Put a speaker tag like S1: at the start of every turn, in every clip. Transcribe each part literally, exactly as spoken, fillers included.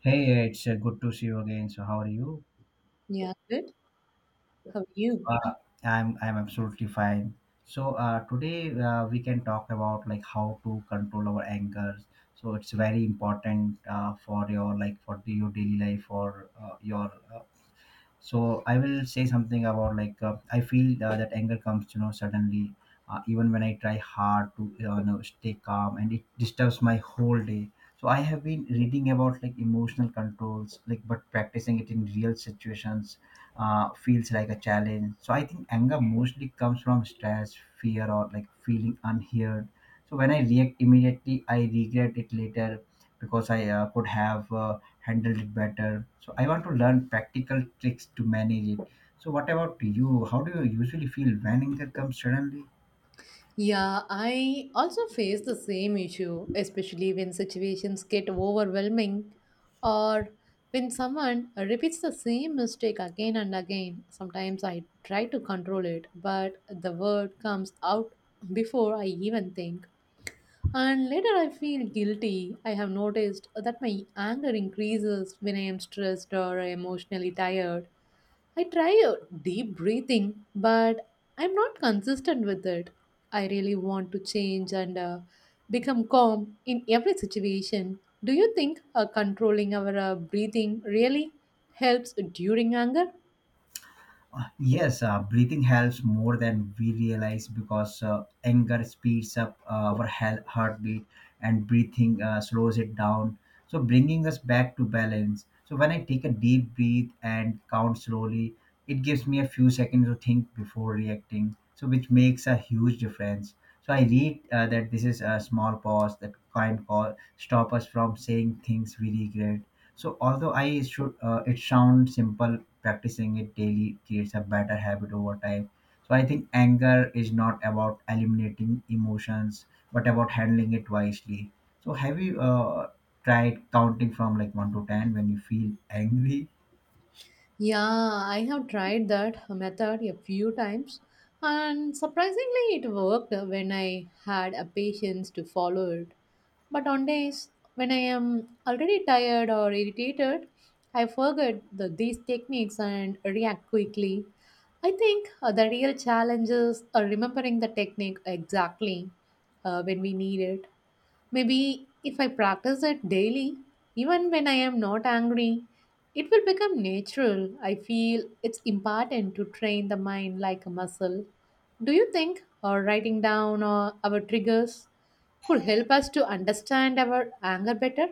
S1: Hey, hey, it's uh, good to see you again. So, how are you?
S2: Yeah, good. How are you?
S1: Uh, I'm I'm absolutely fine. So uh, today uh, we can talk about like how to control our anger. So it's very important uh, for your like for your daily life or uh, your so I will say something about like uh, I feel uh, that anger comes you know suddenly uh, even when I try hard to you know no, stay calm, and it disturbs my whole day. So I have been reading about like emotional controls like, but practicing it in real situations uh, feels like a challenge. So I think anger mostly comes from stress, fear, or like feeling unheard. So when I react immediately, I regret it later because I uh, could have uh, handled it better. So I want to learn practical tricks to manage it. So what about you? How do you usually feel when anger comes suddenly?
S2: Yeah, I also face the same issue, especially when situations get overwhelming or when someone repeats the same mistake again and again. Sometimes I try to control it, but the word comes out before I even think. And later I feel guilty. I have noticed that my anger increases when I am stressed or emotionally tired. I try uh, deep breathing, but I'm not consistent with it. I really want to change and uh, become calm in every situation. Do you think uh, controlling our uh, breathing really helps during anger?
S1: Yes, uh, breathing helps more than we realize because uh, anger speeds up uh, our he- heartbeat and breathing uh, slows it down. So, bringing us back to balance. So, when I take a deep breath and count slowly, it gives me a few seconds to think before reacting, so which makes a huge difference. So, I read uh, that this is a small pause that kind call stop us from saying things we regret. So although I should, uh, it sounds simple, practicing it daily creates a better habit over time. So I think anger is not about eliminating emotions, but about handling it wisely. So have you uh, tried counting from like one to ten when you feel angry?
S2: Yeah, I have tried that method a few times, and surprisingly, it worked when I had a patience to follow it. But on days when I am already tired or irritated, I forget the, these techniques and react quickly. I think uh, the real challenge is uh, remembering the technique exactly uh, when we need it. Maybe if I practice it daily, even when I am not angry, it will become natural. I feel it's important to train the mind like a muscle. Do you think or writing down uh, our triggers could help us to understand our anger better?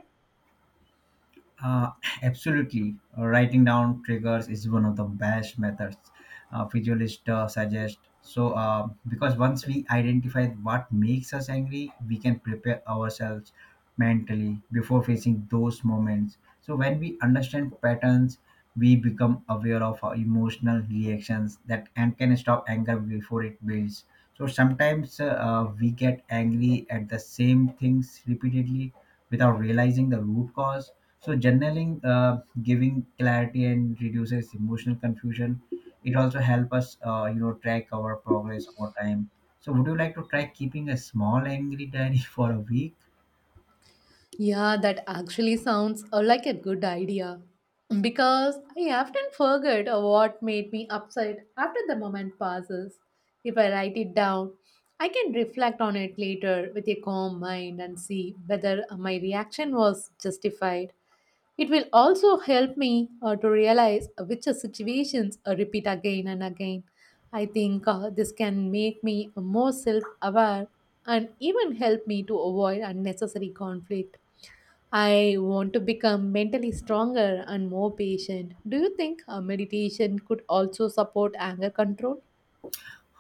S1: Uh, absolutely. Uh, writing down triggers is one of the best methods uh, visualists uh, suggest. So, uh, because once we identify what makes us angry, we can prepare ourselves mentally before facing those moments. So, when we understand patterns, we become aware of our emotional reactions that and can stop anger before it builds. So, sometimes uh, uh, we get angry at the same things repeatedly without realizing the root cause, so journaling, uh, giving clarity and reduces emotional confusion. It also help us, uh, you know, track our progress over time. So would you like to try keeping a small angry diary for a week?
S2: Yeah, that actually sounds uh, like a good idea. Because I often forget uh, what made me upset after the moment passes. If I write it down, I can reflect on it later with a calm mind and see whether uh, my reaction was justified. It will also help me uh, to realize uh, which uh, situations uh, repeat again and again. I think uh, this can make me more self aware and even help me to avoid unnecessary conflict. I want to become mentally stronger and more patient. Do you think a meditation could also support anger control?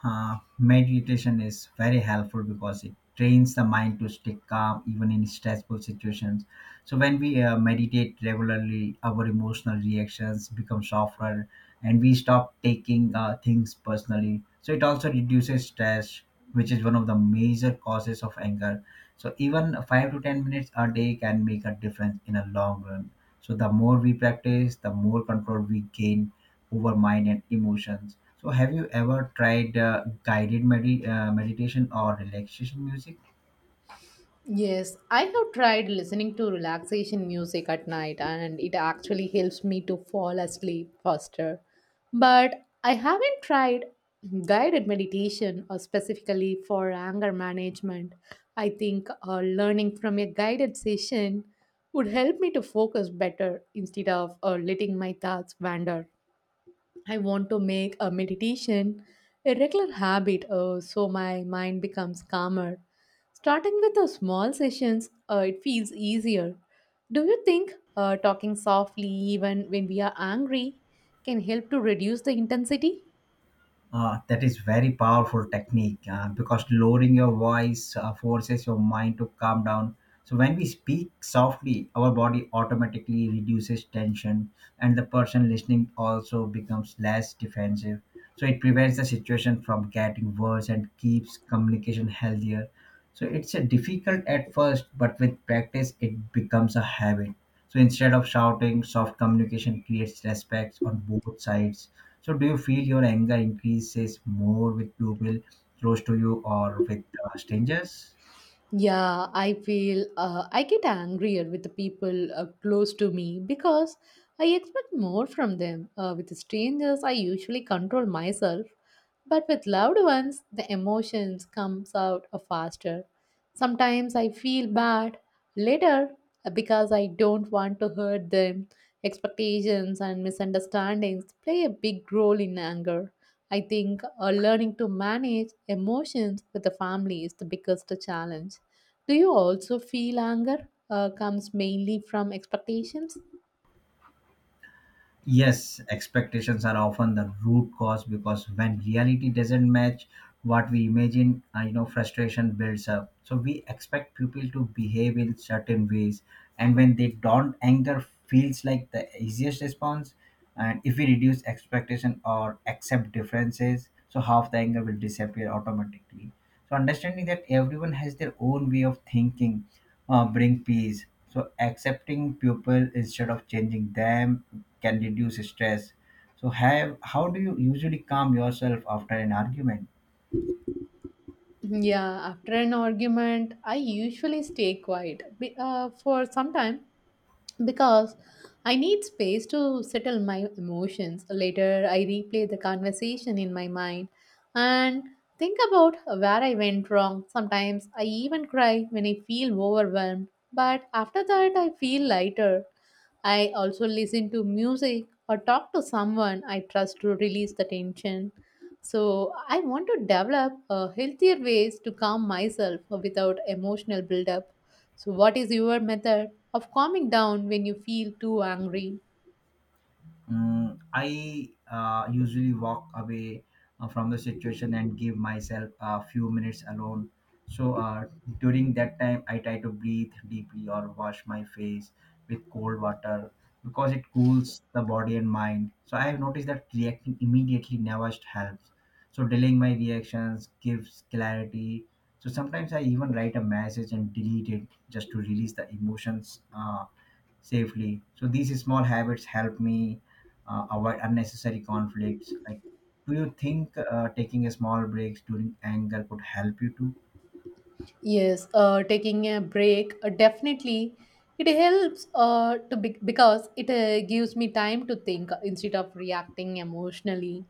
S1: Uh, meditation is very helpful because it trains the mind to stay calm even in stressful situations. So when we uh, meditate regularly, our emotional reactions become softer, and we stop taking uh, things personally. So it also reduces stress, which is one of the major causes of anger. So even five to ten minutes a day can make a difference in a long run. So the more we practice, the more control we gain over mind and emotions. So, have you ever tried uh, guided medi- uh, meditation or relaxation music?
S2: Yes, I have tried listening to relaxation music at night and it actually helps me to fall asleep faster. But I haven't tried guided meditation or specifically for anger management. I think uh, learning from a guided session would help me to focus better instead of uh, letting my thoughts wander. I want to make a meditation a regular habit uh, so my mind becomes calmer. Starting with the small sessions, uh, it feels easier. Do you think uh, talking softly, even when we are angry, can help to reduce the intensity?
S1: Uh, that is very powerful technique uh, because lowering your voice uh, forces your mind to calm down. So when we speak softly, our body automatically reduces tension, and the person listening also becomes less defensive. So it prevents the situation from getting worse and keeps communication healthier. So it's a difficult at first, but with practice, it becomes a habit. So instead of shouting, soft communication creates respect on both sides. So, do you feel your anger increases more with people close to you or with uh, strangers?
S2: Yeah, I feel uh, I get angrier with the people uh, close to me because I expect more from them. Uh, with strangers, I usually control myself, but with loved ones, the emotions comes out uh, faster. Sometimes I feel bad later uh, because I don't want to hurt them. Expectations and misunderstandings play a big role in anger. I think uh, learning to manage emotions with the family is the biggest challenge. Do you also feel anger uh, comes mainly from expectations?
S1: Yes, expectations are often the root cause because when reality doesn't match what we imagine, uh, you know, frustration builds up. So we expect people to behave in certain ways, and when they don't, anger feels like the easiest response. And if we reduce expectation or accept differences, so half the anger will disappear automatically. So understanding that everyone has their own way of thinking uh, bring peace. So accepting people instead of changing them can reduce stress. So have how do you usually calm yourself after an argument?
S2: Yeah, after an argument, I usually stay quiet be- uh, for some time because I need space to settle my emotions. Later, I replay the conversation in my mind and think about where I went wrong. Sometimes I even cry when I feel overwhelmed, but after that, I feel lighter. I also listen to music or talk to someone I trust to release the tension. So, I want to develop uh, healthier ways to calm myself without emotional buildup. So, what is your method of calming down when you feel too angry?
S1: Mm, I uh, usually walk away uh, from the situation and give myself a few minutes alone. So uh, during that time, I try to breathe deeply or wash my face with cold water because it cools the body and mind. So I have noticed that reacting immediately never helps. So delaying my reactions gives clarity. So sometimes I even write a message and delete it just to release the emotions. Uh, safely. So these small habits help me uh, avoid unnecessary conflicts. Like, do you think uh, taking a small breaks during anger could help you too?
S2: Yes, uh, taking a break uh, definitely it helps uh, to be- because it uh, gives me time to think uh, instead of reacting emotionally.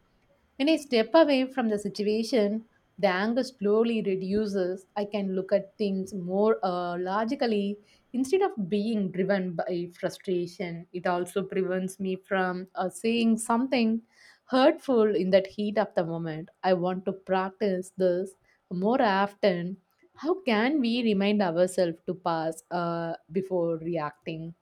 S2: When I step away from the situation, the anger slowly reduces. I can look at things more uh, logically, instead of being driven by frustration. It also prevents me from uh, saying something hurtful in that heat of the moment. I want to practice this more often. How can we remind ourselves to pause uh, before reacting?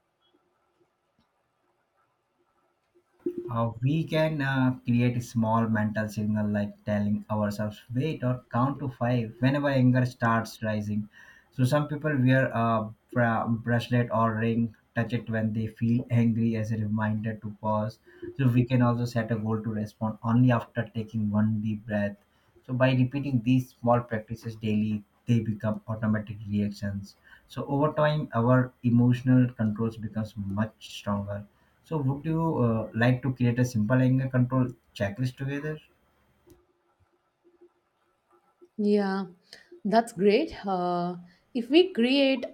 S1: Uh, we can uh, create a small mental signal like telling ourselves wait or count to five whenever anger starts rising. So some people wear a bra- bracelet or ring, touch it when they feel angry as a reminder to pause. So we can also set a goal to respond only after taking one deep breath. So by repeating these small practices daily, they become automatic reactions. So over time, our emotional controls becomes much stronger. So would you uh, like to create a simple anger control checklist together?
S2: Yeah, that's great. Uh, if we create.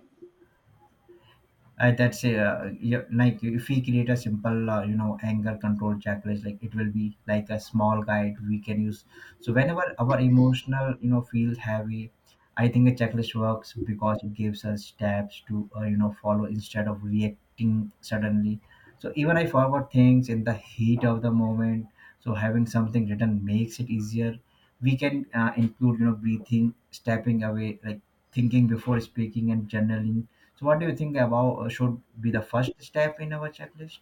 S1: I, that's a, uh, yeah, like if we create a simple uh, you know anger control checklist like it will be like a small guide we can use so whenever our emotional you know feels heavy. I think a checklist works because it gives us steps to uh, you know follow instead of reacting suddenly. So even I forgot things in the heat of the moment, so having something written makes it easier. We can uh, include you know breathing, stepping away, like thinking before speaking and journaling. So, what do you think about uh, should be the first step in our checklist?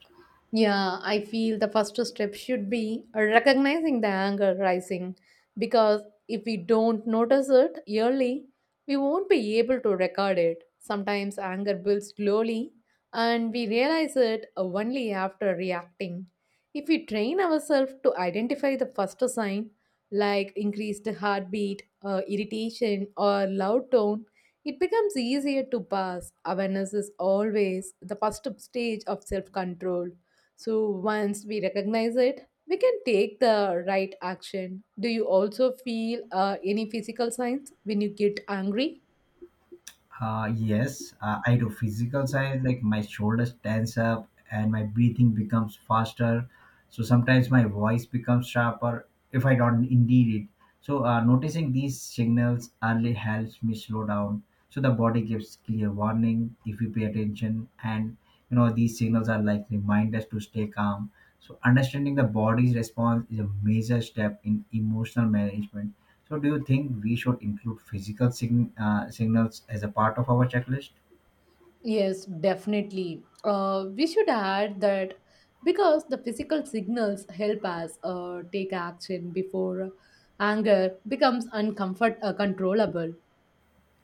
S2: Yeah, I feel the first step should be recognizing the anger rising because if we don't notice it early, we won't be able to record it. Sometimes anger builds slowly and we realize it only after reacting. If we train ourselves to identify the first sign, like increased heartbeat, uh, irritation, or loud tone, it becomes easier to pass. Awareness is always the first stage of self control. So once we recognize it, we can take the right action. Do you also feel uh, any physical signs when you get angry?
S1: Uh, yes, uh, I do physical side, like my shoulders tense up and my breathing becomes faster. So sometimes my voice becomes sharper if I don't indeed it. So uh, noticing these signals early helps me slow down. So the body gives clear warning if we pay attention, and you know these signals are like reminders to stay calm. So understanding the body's response is a major step in emotional management. So do you think we should include physical sign, uh, signals as a part of our checklist?
S2: Yes, definitely. Uh, we should add that because the physical signals help us uh, take action before anger becomes uncomfort uh, controllable.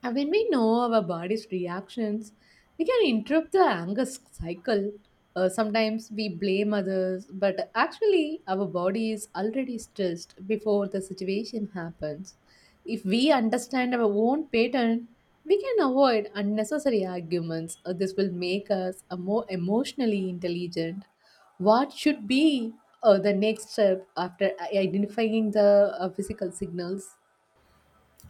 S2: And when we know our body's reactions, we can interrupt the anger s- cycle. Uh, sometimes we blame others, but actually, our body is already stressed before the situation happens. If we understand our own pattern, we can avoid unnecessary arguments. Uh, this will make us a more emotionally intelligent. What should be uh, the next step after i- identifying the uh, physical signals?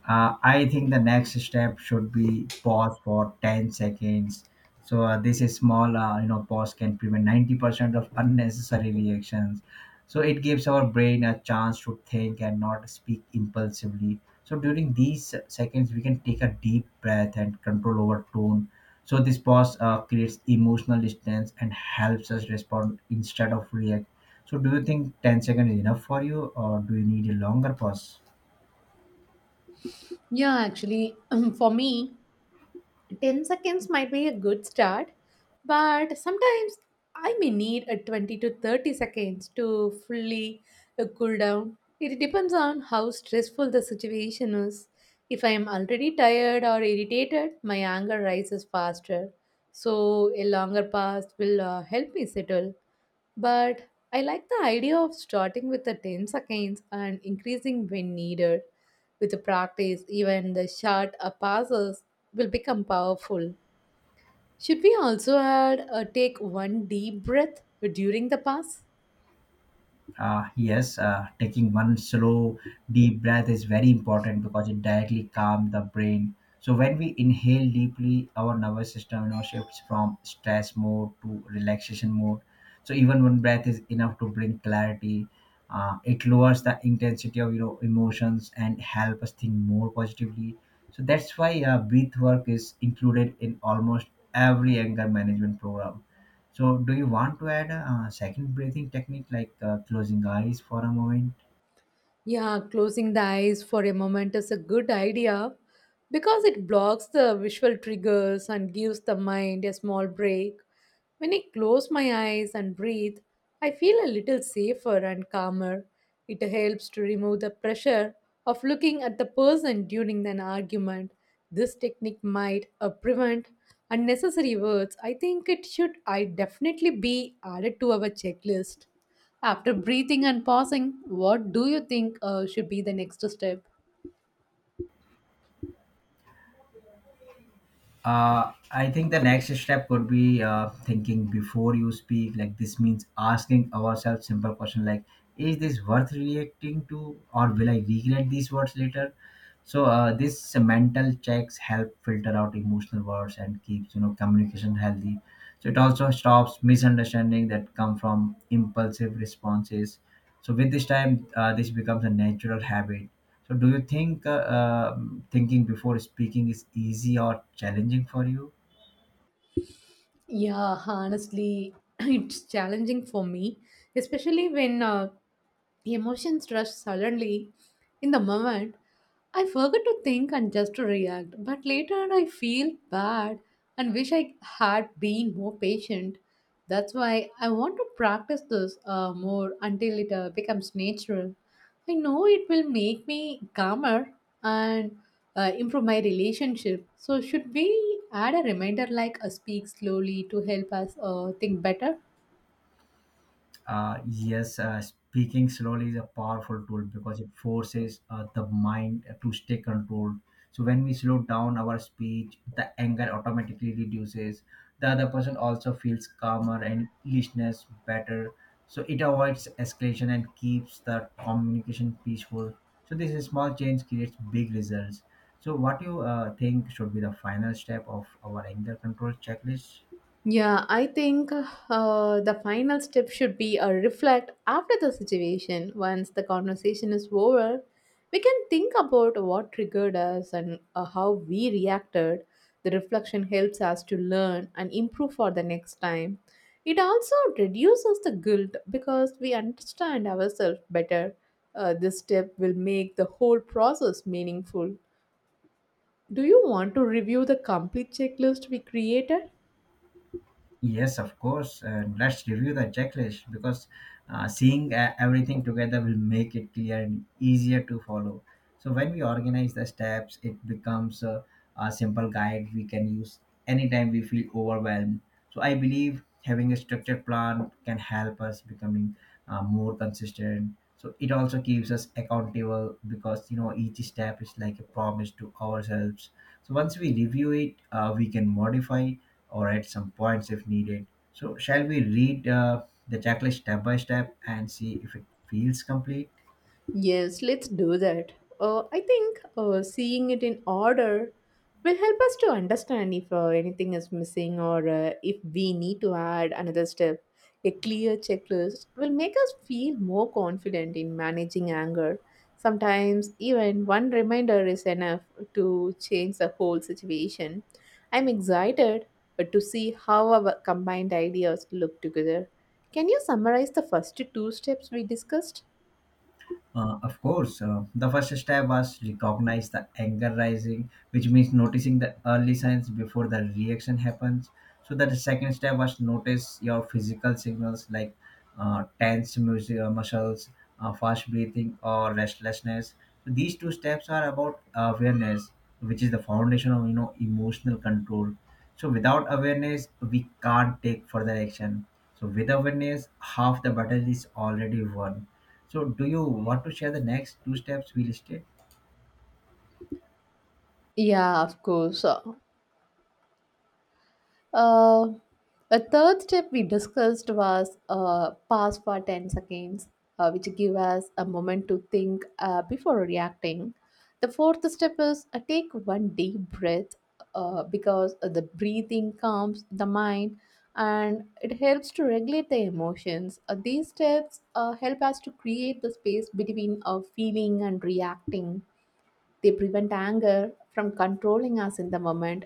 S1: uh, I think the next step should be pause for ten seconds. So uh, this is small, uh, you know, pause can prevent ninety percent of unnecessary reactions. So it gives our brain a chance to think and not speak impulsively. So during these seconds, we can take a deep breath and control over tone. So this pause uh, creates emotional distance and helps us respond instead of react. So do you think ten seconds is enough for you or do you need a longer pause?
S2: Yeah, actually, for me, ten seconds might be a good start, but sometimes I may need a twenty to thirty seconds to fully uh, cool down. It depends on how stressful the situation is. If I am already tired or irritated, my anger rises faster. So, a longer pause will uh, help me settle. But I like the idea of starting with the ten seconds and increasing when needed. With the practice, even the short uh, passes will become powerful. Should we also add uh, take one deep breath during the pass?
S1: Uh, yes, uh, taking one slow deep breath is very important because it directly calms the brain. So when we inhale deeply, our nervous system you know, shifts from stress mode to relaxation mode. So even one breath is enough to bring clarity. Uh, it lowers the intensity of you know emotions and help us think more positively. So that's why uh, breath work is included in almost every anger management program. So, do you want to add a, uh second breathing technique like uh, closing eyes for a moment?
S2: Yeah, closing the eyes for a moment is a good idea because it blocks the visual triggers and gives the mind a small break. When I close my eyes and breathe, I feel a little safer and calmer. It helps to remove the pressure of looking at the person during an argument. This technique might uh, prevent unnecessary words. I think it should I definitely be added to our checklist. After breathing and pausing, what do you think uh, should be the next step?
S1: Uh, I think the next step could be uh, thinking before you speak. Like this means asking ourselves simple question like, is this worth reacting to, or will I regret these words later? So uh, this mental checks help filter out emotional words and keeps you know communication healthy. So it also stops misunderstanding that come from impulsive responses. So with this time, uh, this becomes a natural habit. So do you think uh, um thinking before speaking is easy or challenging for you?
S2: Yeah, honestly, it's challenging for me, especially when uh, Emotions rush suddenly in the moment. I forget to think and just to react, but later I feel bad and wish I had been more patient. That's why I want to practice this uh, more until it uh, becomes natural. I know it will make me calmer and uh, improve my relationship. So, should we add a reminder like uh, speak slowly to help us uh, think better?
S1: Uh, yes, uh, speaking slowly is a powerful tool because it forces uh, the mind to stay controlled. So when we slow down our speech, the anger automatically reduces. The other person also feels calmer and listeners better. So it avoids escalation and keeps the communication peaceful. So this is small change creates big results. So what you uh, think should be the final step of our anger control checklist?
S2: Yeah, I think uh, the final step should be a reflect after the situation. Once the conversation is over, we can think about what triggered us and uh, how we reacted. The reflection helps us to learn and improve for the next time. It also reduces the guilt because we understand ourselves better. Uh, this step will make the whole process meaningful. Do you want to review the complete checklist we created?
S1: Yes, of course. And let's review the checklist because uh, seeing uh, everything together will make it clear and easier to follow. So when we organize the steps, it becomes a, a simple guide we can use anytime we feel overwhelmed. So I believe having a structured plan can help us becoming uh, more consistent. So it also keeps us accountable because you know each step is like a promise to ourselves. So once we review it, uh, we can modify or at some points if needed. So, shall we read uh, the checklist step by step and see if it feels complete?
S2: Yes, let's do that. Uh, I think uh, seeing it in order will help us to understand if uh, anything is missing or uh, if we need to add another step. A clear checklist will make us feel more confident in managing anger. Sometimes, even one reminder is enough to change the whole situation. I'm excited uh, to see how our combined ideas look together. Can you summarize the first two steps we discussed?
S1: Uh, of course, uh, the first step was recognize the anger rising, which means noticing the early signs before the reaction happens. So that the second step was notice your physical signals like uh, tense mus- uh, muscles, uh, fast breathing, or restlessness. So these two steps are about awareness, which is the foundation of you know emotional control. So without awareness, we can't take further action. So with awareness, half the battle is already won. So do you want to share the next two steps we listed?
S2: Yeah, of course. So, Uh, a third step we discussed was uh, pause for ten seconds, uh, which give us a moment to think uh, before reacting. The fourth step is uh, take one deep breath uh, because the breathing calms the mind and it helps to regulate the emotions. Uh, these steps uh, help us to create the space between uh, feeling and reacting. They prevent anger from controlling us in the moment,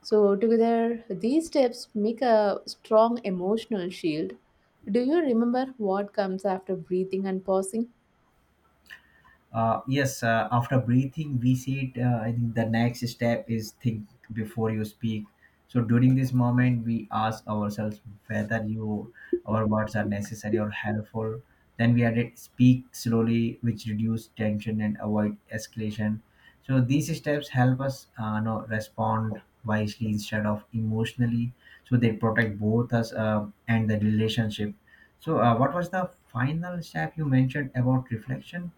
S2: so, together, these steps make a strong emotional shield. Do you remember what comes after breathing and pausing?
S1: Uh, yes, uh, after breathing, we said uh, I think the next step is think before you speak. So during this moment, we ask ourselves whether you our words are necessary or helpful. Then we added speak slowly, which reduce tension and avoid escalation. So these steps help us uh, know, respond wisely instead of emotionally. So they protect both us uh, and the relationship. So uh, what was the final step you mentioned about reflection?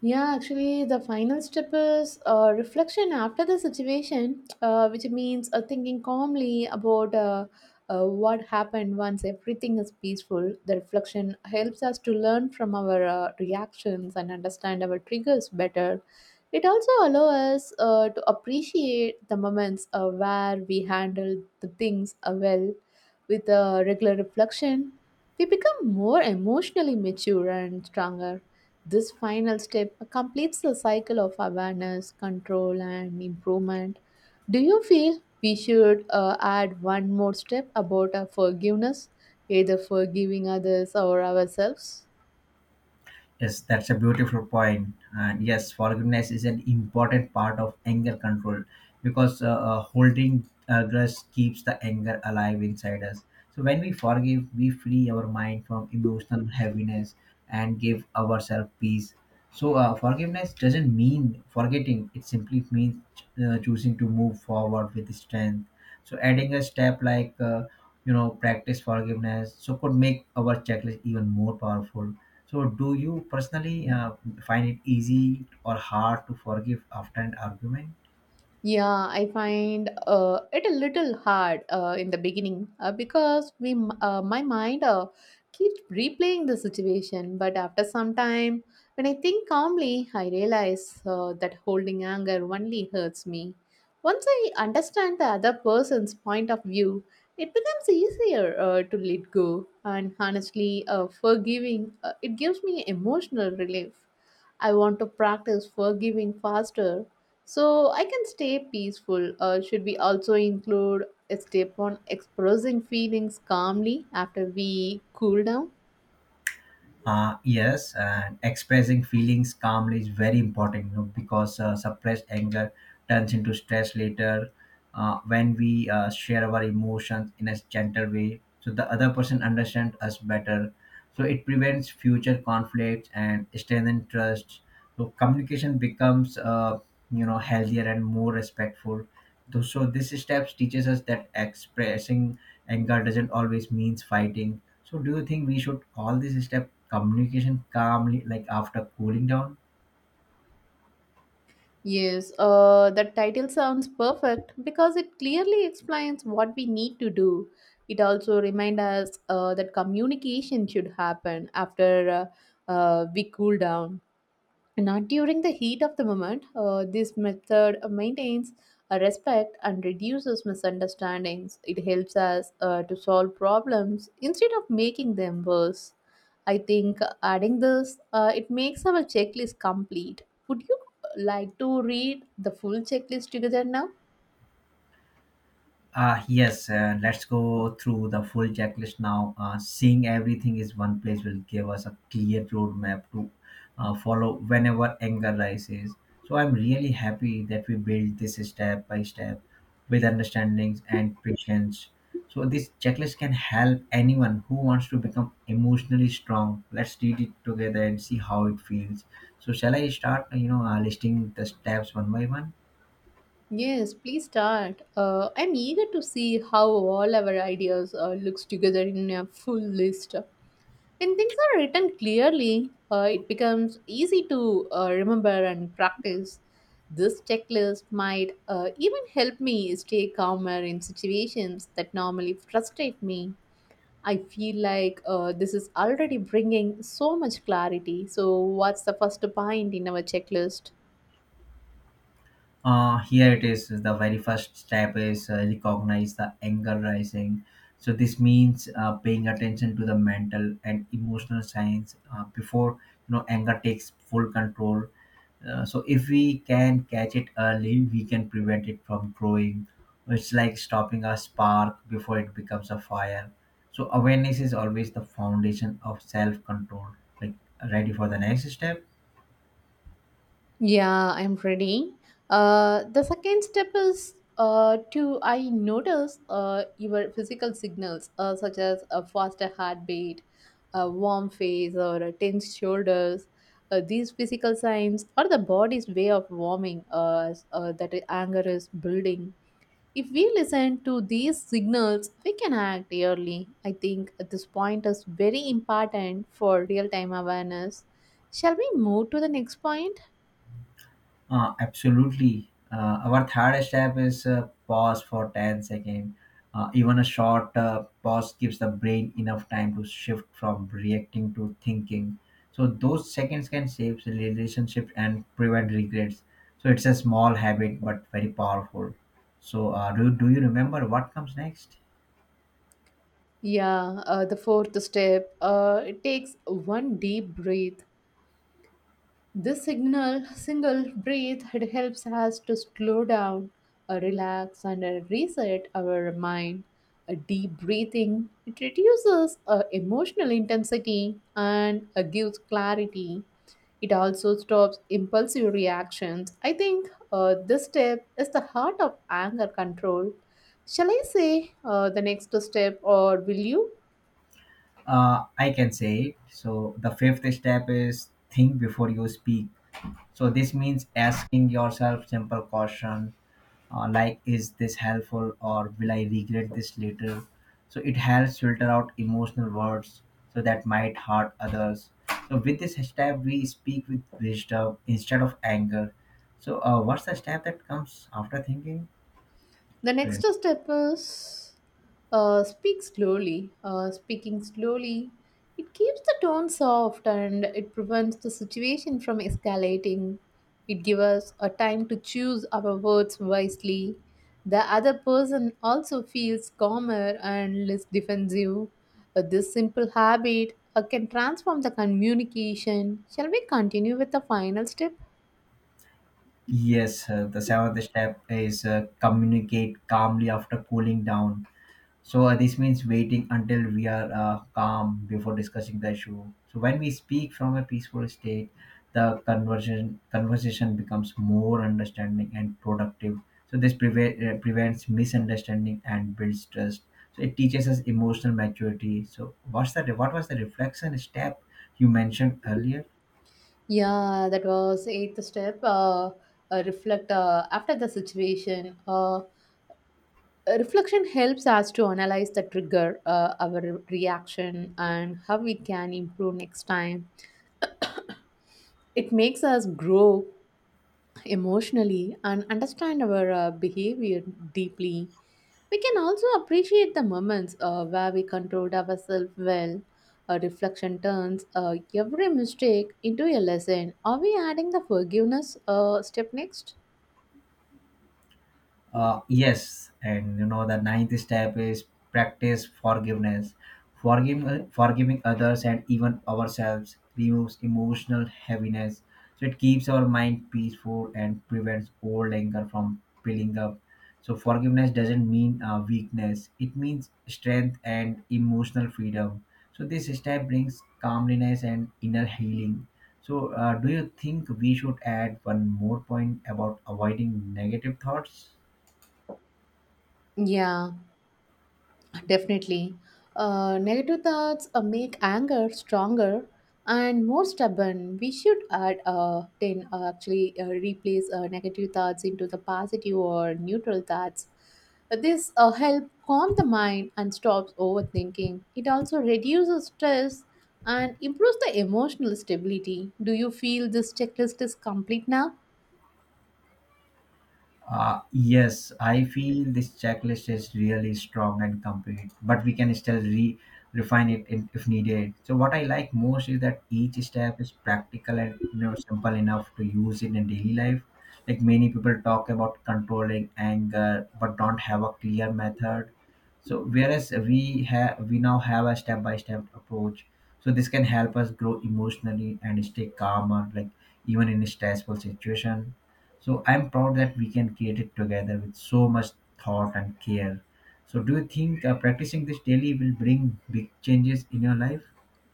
S2: Yeah, actually, the final step is uh, reflection after the situation, uh, which means uh, thinking calmly about uh, uh, what happened once everything is peaceful. The reflection helps us to learn from our uh, reactions and understand our triggers better. It also allows us uh, to appreciate the moments uh, where we handle the things uh, well with uh, regular reflection. We become more emotionally mature and stronger. This final step completes the cycle of awareness, control, and improvement. Do you feel we should uh, add one more step about uh, forgiveness, either forgiving others or ourselves?
S1: Yes, that's a beautiful point. And yes, forgiveness is an important part of anger control because uh, uh, holding uh, grudge keeps the anger alive inside us. So when we forgive, we free our mind from emotional heaviness and give ourselves peace. So uh, forgiveness doesn't mean forgetting; it simply means uh, choosing to move forward with strength. So adding a step like uh, you know practice forgiveness so could make our checklist even more powerful. So do you personally uh, find it easy or hard to forgive after an argument?
S2: Yeah, I find uh, it a little hard uh, in the beginning uh, because we, m- uh, my mind uh, keeps replaying the situation. But after some time, when I think calmly, I realize uh, that holding anger only hurts me. Once I understand the other person's point of view, it becomes easier uh, to let go. And honestly, uh, forgiving uh, it gives me emotional relief. I want to practice forgiving faster so I can stay peaceful. Uh, should we also include a step on expressing feelings calmly after we cool down?
S1: Uh, yes, and expressing feelings calmly is very important, you know, because uh, suppressed anger turns into stress later. Uh, when we uh, share our emotions in a gentle way, so the other person understands us better. So it prevents future conflicts and strengthens trust. So communication becomes, uh, you know, healthier and more respectful. Though- So this steps teaches us that expressing anger doesn't always means fighting. So do you think we should call this step communication calmly, like after cooling down?
S2: Yes, uh, that title sounds perfect because it clearly explains what we need to do. It also reminds us uh, that communication should happen after uh, uh, we cool down. Not during the heat of the moment, uh, this method maintains a respect and reduces misunderstandings. It helps us uh, to solve problems instead of making them worse. I think adding this, uh, it makes our checklist complete. Would you like to read the full checklist together now?
S1: Uh, yes, uh, let's go through the full checklist now. Uh, seeing everything is one place will give us a clear roadmap to uh, follow whenever anger rises. So I'm really happy that we build this step by step with understandings and patience. So this checklist can help anyone who wants to become emotionally strong. Let's read it together and see how it feels. So shall I start, you know, uh, listing the steps one by one?
S2: Yes, please start. Uh, I'm eager to see how all our ideas uh, looks together in a full list. When things are written clearly, uh, it becomes easy to uh, remember and practice. This checklist might uh, even help me stay calmer in situations that normally frustrate me. I feel like uh, this is already bringing so much clarity. So, what's the first point in our checklist?
S1: Uh here it is. The very first step is uh, recognize the anger rising. So this means uh, paying attention to the mental and emotional signs uh, before, you know anger takes full control. Uh, so if we can catch it early, we can prevent it from growing. It's like stopping a spark before it becomes a fire. So awareness is always the foundation of self control. like Ready for the next step?
S2: Yeah, I'm ready. Uh, the second step is uh, to I notice uh, your physical signals uh, such as a faster heartbeat, a warm face, or a tense shoulders. Uh, these physical signs are the body's way of warming us uh, that i- anger is building. If we listen to these signals, we can act early. I think at this point is very important for real time awareness. Shall we move to the next point?
S1: Uh, absolutely. Uh, our third step is uh, pause for ten seconds. Uh, even a short uh, pause gives the brain enough time to shift from reacting to thinking. So those seconds can save the relationship and prevent regrets. So it's a small habit but very powerful. So uh, do, do you remember what comes next?
S2: Yeah, uh, the fourth step. Uh, it takes one deep breath. This signal, single breath, it helps us to slow down, uh, relax, and uh, reset our mind. A deep breathing it reduces uh, emotional intensity and uh, gives clarity. It also stops impulsive reactions. I think uh, this step is the heart of anger control. Shall I say uh, the next step, or will you?
S1: Uh, I can say it. So the fifth step is think before you speak. So this means asking yourself simple question uh, like, is this helpful or will I regret this later? So it helps filter out emotional words so that might hurt others. So with this hashtag we speak with wisdom instead of anger. So uh, what's the step that comes after thinking?
S2: The
S1: Yeah.
S2: next step is uh, speak slowly. Uh, speaking slowly, it keeps the tone soft and it prevents the situation from escalating. It gives us a time to choose our words wisely. The other person also feels calmer and less defensive. Uh, this simple habit uh, can transform the communication. Shall we continue with the final step?
S1: yes uh, the seventh step is uh, communicate calmly after cooling down. So uh, this means waiting until we are uh, calm before discussing the issue. So when we speak from a peaceful state, the conversion conversation becomes more understanding and productive. So this preve- uh, prevents misunderstanding and builds trust. So it teaches us emotional maturity. So what's the what was the reflection step you mentioned earlier?
S2: Yeah, that was eighth step. Uh, uh, reflect uh, after the situation. Uh, reflection helps us to analyze the trigger, uh, our re- reaction, and how we can improve next time. It makes us grow emotionally and understand our uh, behavior deeply. We can also appreciate the moments uh, where we controlled ourselves well. A reflection turns uh, every mistake into a lesson. Are we adding the forgiveness uh, step next?
S1: Uh, yes, and you know the ninth step is practice forgiveness. Forgiving, forgiving others and even ourselves removes emotional heaviness. So it keeps our mind peaceful and prevents old anger from building up. So forgiveness doesn't mean uh, weakness; it means strength and emotional freedom. So this step brings calmness and inner healing. So, uh, do you think we should add one more point about avoiding negative thoughts?
S2: Yeah, definitely. Uh, negative thoughts uh, make anger stronger and more stubborn. We should add uh, ten, uh, actually, uh, replace uh, negative thoughts into the positive or neutral thoughts. Uh, This uh, help calm the mind and stops overthinking. It also reduces stress and improves the emotional stability. Do you feel this checklist is complete now?
S1: Uh, yes, I feel this checklist is really strong and complete, but we can still re refine it in, if needed. So what I like most is that each step is practical and, you know simple enough to use in a daily life. Like many people talk about controlling anger, but don't have a clear method. So whereas we have we now have a step by step approach. So this can help us grow emotionally and stay calmer, like even in a stressful situation. So I'm proud that we can create it together with so much thought and care. So do you think uh, practicing this daily will bring big changes in your life?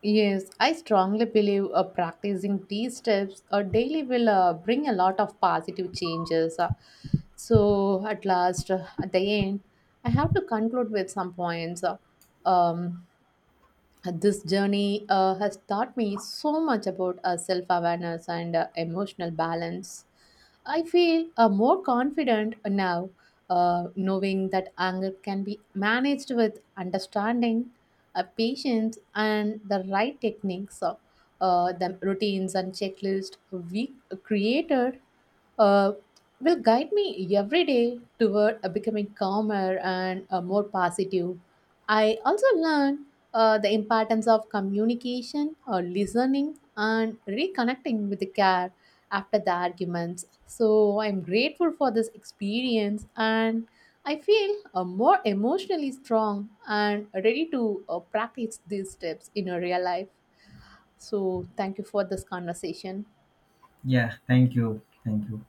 S2: Yes, I strongly believe uh, practicing these steps uh, daily will uh, bring a lot of positive changes. Uh, so, at last, uh, at the end, I have to conclude with some points. Uh, um, uh, This journey uh, has taught me so much about uh, self awareness and uh, emotional balance. I feel uh, more confident now, uh, knowing that anger can be managed with understanding, uh, patience, and the right techniques, uh, uh, the routines and checklists we created. Uh, will guide me every day toward uh, becoming calmer and uh, more positive. I also learned uh, the importance of communication or listening and reconnecting with the care after the arguments. So I'm grateful for this experience and I feel uh, more emotionally strong and ready to uh, practice these steps in a real life. So thank you for this conversation.
S1: Yeah, thank you. Thank you.